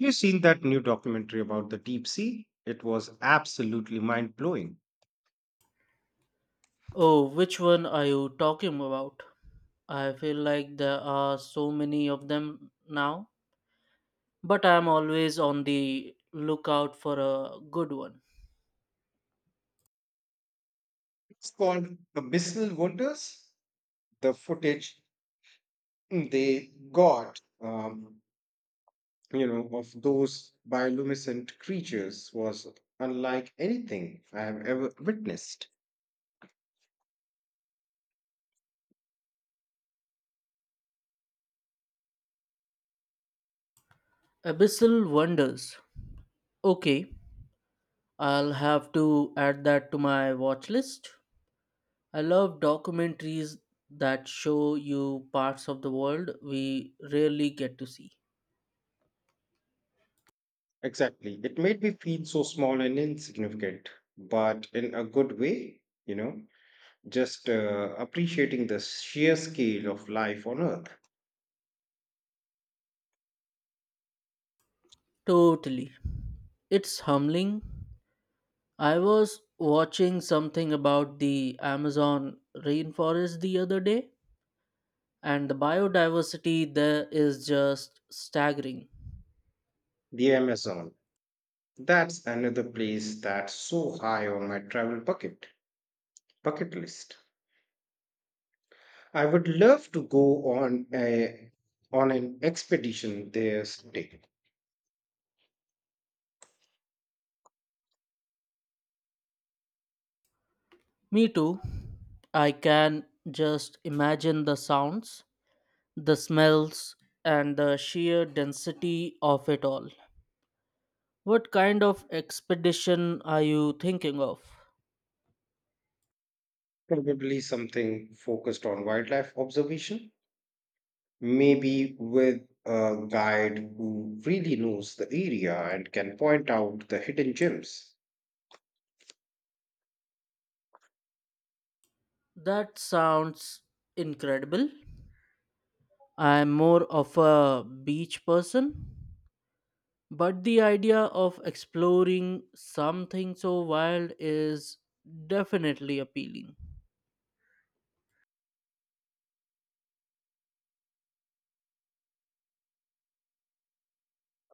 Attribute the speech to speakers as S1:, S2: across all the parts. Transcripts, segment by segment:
S1: You seen that new documentary about the deep sea? It was absolutely mind blowing.
S2: Oh, which one are you talking about? I feel like there are so many of them now, but I am always on the lookout for a good one.
S1: It's called the Missile Wonders. The footage they got, of those bioluminescent creatures was unlike anything I have ever witnessed.
S2: Abyssal Wonders. Okay, I'll have to add that to my watch list. I love documentaries that show you parts of the world we rarely get to see.
S1: Exactly. It made me feel so small and insignificant, but in a good way, you know, just appreciating the sheer scale of life on Earth.
S2: Totally. It's humbling. I was watching something about the Amazon rainforest the other day, and the biodiversity there is just staggering.
S1: The Amazon. That's another place that's so high on my travel bucket list. I would love to go on a on an expedition there someday.
S2: Me too. I can just imagine the sounds, the smells, and the sheer density of it all. What kind of expedition are you thinking of?
S1: Probably something focused on wildlife observation, maybe with a guide who really knows the area and can point out the hidden gems.
S2: That sounds incredible. I'm more of a beach person. But the idea of exploring something so wild is definitely appealing.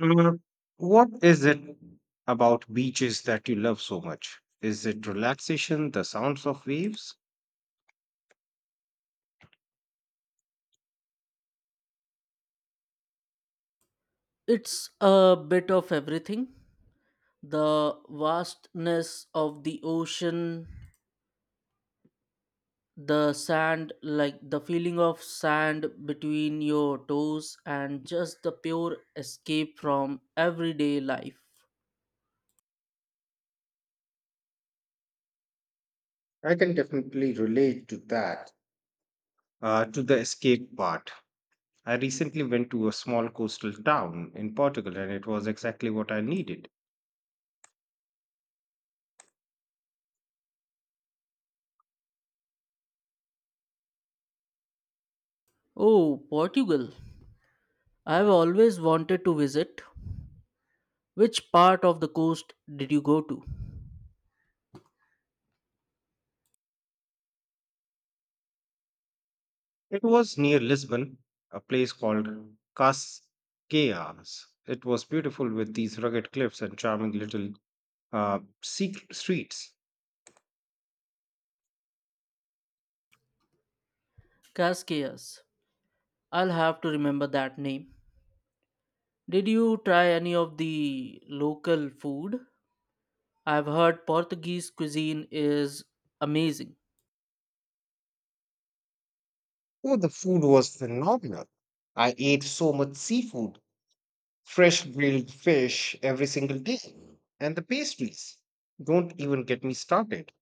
S1: Mm, what is it about beaches that you love so much? Is it relaxation, the sounds of waves?
S2: It's a bit of everything, the vastness of the ocean, the sand, like the feeling of sand between your toes, and just the pure escape from everyday life.
S1: I can definitely relate to that, to the escape part. I recently went to a small coastal town in Portugal and it was exactly what I needed.
S2: Oh, Portugal. I've always wanted to visit. Which part of the coast did you go to?
S1: It was near Lisbon, a place called Cascais. It was beautiful, with these rugged cliffs and charming little, secret streets.
S2: Cascais. I'll have to remember that name. Did you try any of the local food? I've heard Portuguese cuisine is amazing.
S1: Oh, the food was phenomenal. I ate so much seafood, fresh grilled fish every single day, and the pastries. Don't even get me started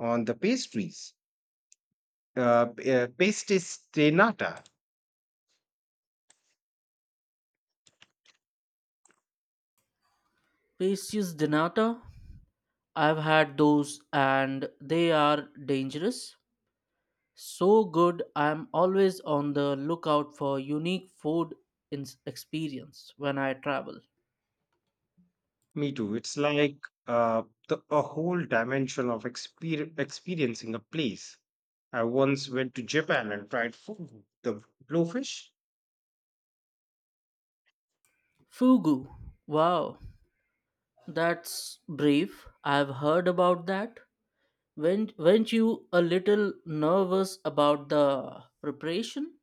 S1: on the pastries. Uh, Pastis de nata.
S2: Pastries de nata, I've had those and they are dangerous. So good, I'm always on the lookout for unique food ins experience when I travel.
S1: Me too. It's like uh, the, a whole dimension of experiencing a place. I once went to Japan and tried food, the blowfish.
S2: Fugu, wow, that's brave. I've heard about that. Weren't you a little nervous about the preparation?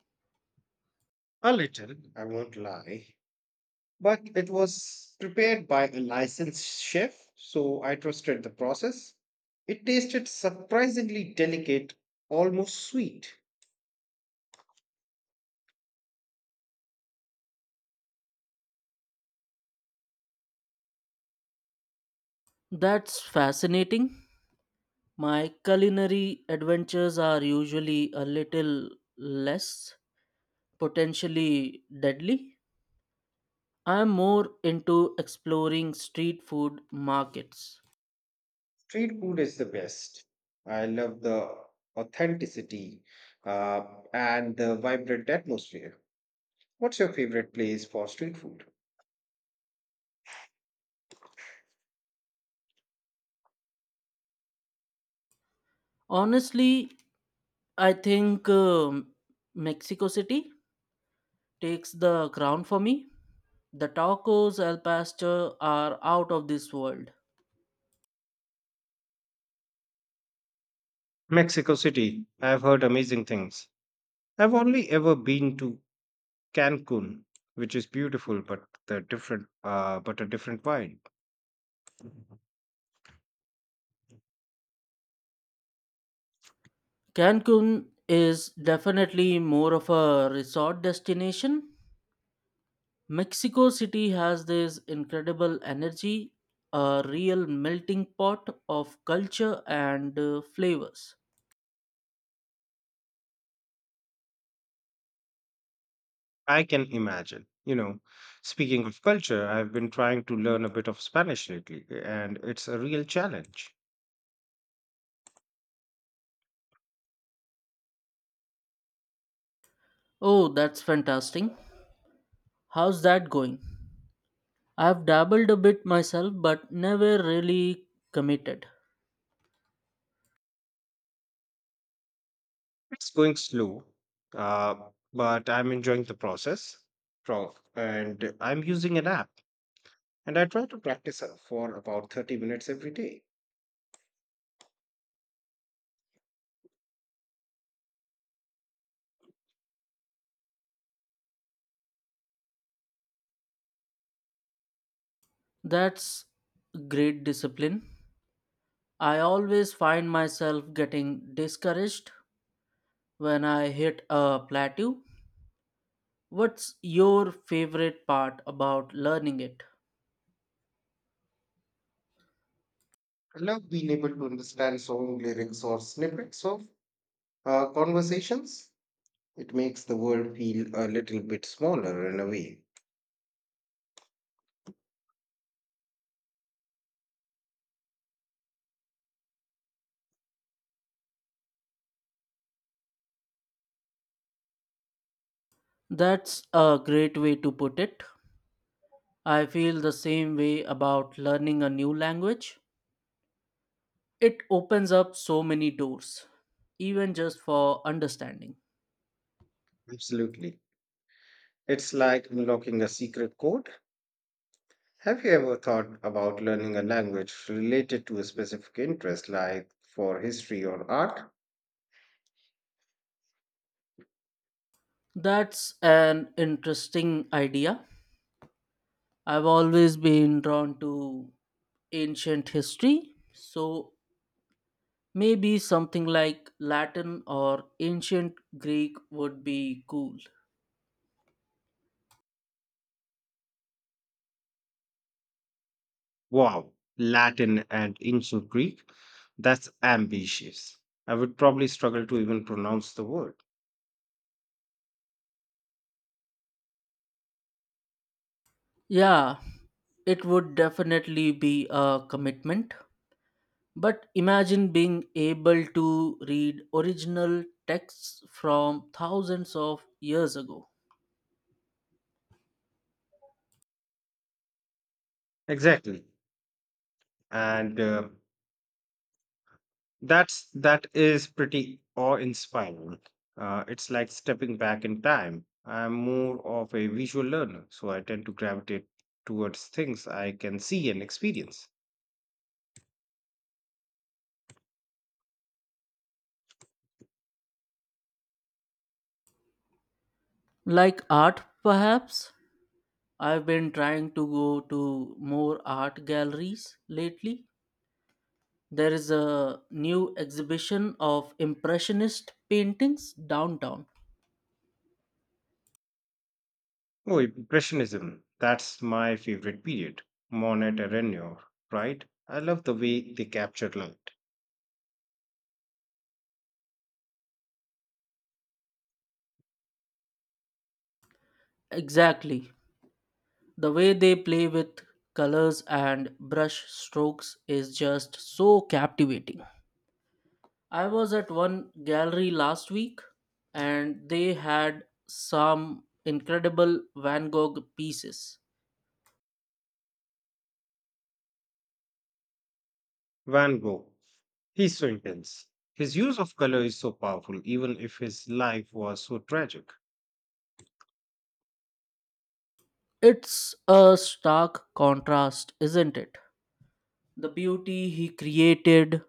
S1: A little, I won't lie, but it was prepared by a licensed chef, so I trusted the process. It tasted surprisingly delicate, almost sweet.
S2: That's fascinating. My culinary adventures are usually a little less potentially deadly. I'm more into exploring street food markets.
S1: Street food is the best. I love the authenticity, uh, and the vibrant atmosphere. What's your favorite place for street food?
S2: Honestly, I think Mexico City takes the crown for me. The tacos al pastor are out of this world.
S1: Mexico City, I've heard amazing things. I've only ever been to Cancun, which is beautiful, but a different vibe.
S2: Cancun is definitely more of a resort destination. Mexico City has this incredible energy, a real melting pot of culture and flavors.
S1: I can imagine. You know, speaking of culture, I've been trying to learn a bit of Spanish lately, and it's a real challenge.
S2: Oh, that's fantastic. How's that going? I've dabbled a bit myself but never really committed.
S1: It's going slow, uh, but I'm enjoying the process. And I'm using an app, and I try to practice for about 30 minutes every day.
S2: That's great discipline. I always find myself getting discouraged when I hit a plateau. What's your favorite part about learning it?
S1: I love being able to understand song lyrics or snippets of, conversations. It makes the world feel a little bit smaller in a way.
S2: That's a great way to put it. I feel the same way about learning a new language. It opens up so many doors, even just for understanding.
S1: Absolutely. It's like unlocking a secret code. Have you ever thought about learning a language related to a specific interest, like for history or art?
S2: That's an interesting idea. I've always been drawn to ancient history, so maybe something like Latin or ancient Greek would be cool.
S1: Wow, Latin and ancient Greek. That's ambitious. I would probably struggle to even pronounce the word.
S2: Yeah, it would definitely be a commitment, but imagine being able to read original texts from thousands of years ago.
S1: Exactly. And that is pretty awe-inspiring. It's like stepping back in time. I'm more of a visual learner, so I tend to gravitate towards things I can see and experience.
S2: Like art, perhaps? I've been trying to go to more art galleries lately. There is a new exhibition of Impressionist paintings downtown.
S1: Oh, Impressionism. That's my favorite period. Monet and Renoir, right? I love the way they capture light.
S2: Exactly. The way they play with colors and brush strokes is just so captivating. I was at one gallery last week and they had some incredible Van Gogh pieces.
S1: Van Gogh. He's so intense. His use of color is so powerful, even if his life was so tragic.
S2: It's a stark contrast, isn't it? The beauty he created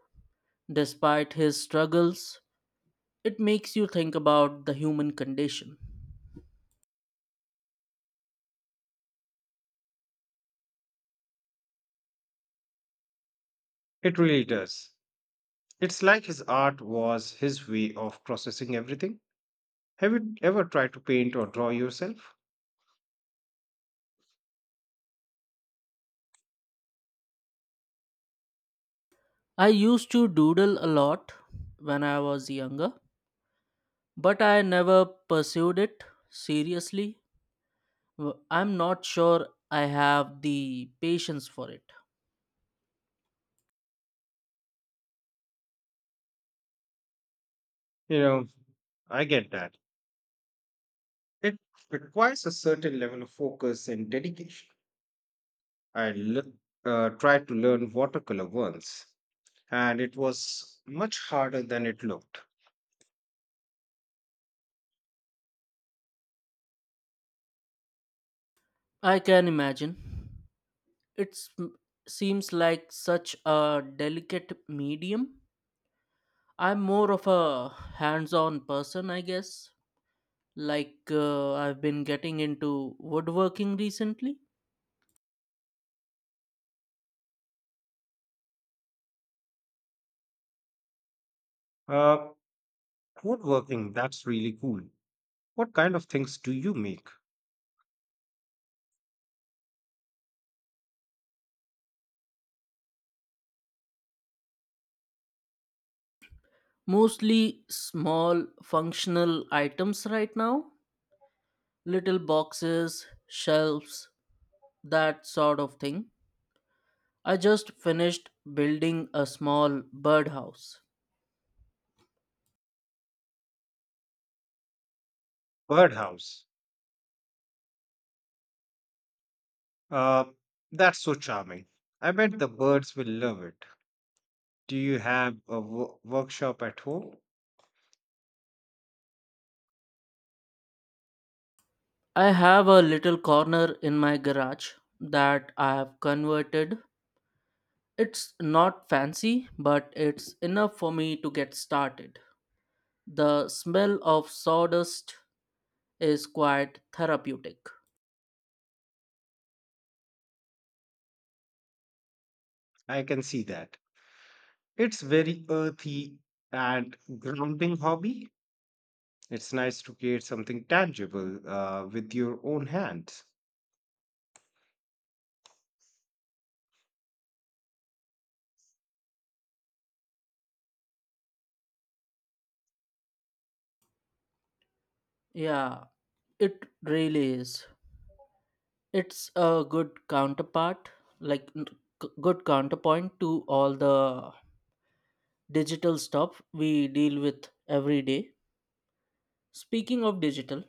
S2: despite his struggles. It makes you think about the human condition.
S1: It really does. It's like his art was his way of processing everything. Have you ever tried to paint or draw yourself?
S2: I used to doodle a lot when I was younger, but I never pursued it seriously. I'm not sure I have the patience for it.
S1: You know, I get that. It requires a certain level of focus and dedication. I tried to learn watercolor once, and it was much harder than it looked.
S2: I can imagine. It seems like such a delicate medium. I'm more of a hands on person, I guess. Like, I've been getting into woodworking recently.
S1: Uh, Woodworking, that's really cool. What kind of things do you make?
S2: Mostly small functional items right now, little boxes, shelves, that sort of thing. I just finished building a small birdhouse.
S1: Birdhouse. Uh, that's so charming. I bet the birds will love it. Do you have a workshop at home?
S2: I have a little corner in my garage that I have converted. It's not fancy, but it's enough for me to get started. The smell of sawdust is quite therapeutic.
S1: I can see that. It's very earthy and grounding hobby. It's nice to create something tangible, with your own hands.
S2: Yeah, it really is. It's a good counterpart, like n- good counterpoint to all the digital stuff we deal with every day. Speaking of digital,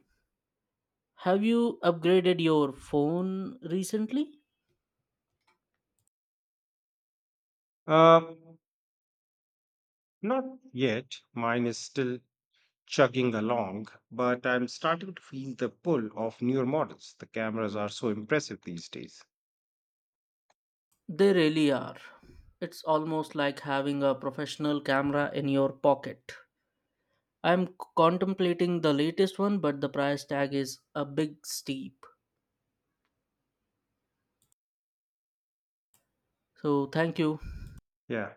S2: have you upgraded your phone recently?
S1: Uh, Not yet. Mine is still chugging along, but I'm starting to feel the pull of newer models. The cameras are so impressive these days.
S2: They really are. It's almost like having a professional camera in your pocket. I'm contemplating the latest one, but the price tag is a big steep. So, thank you.
S1: Yeah.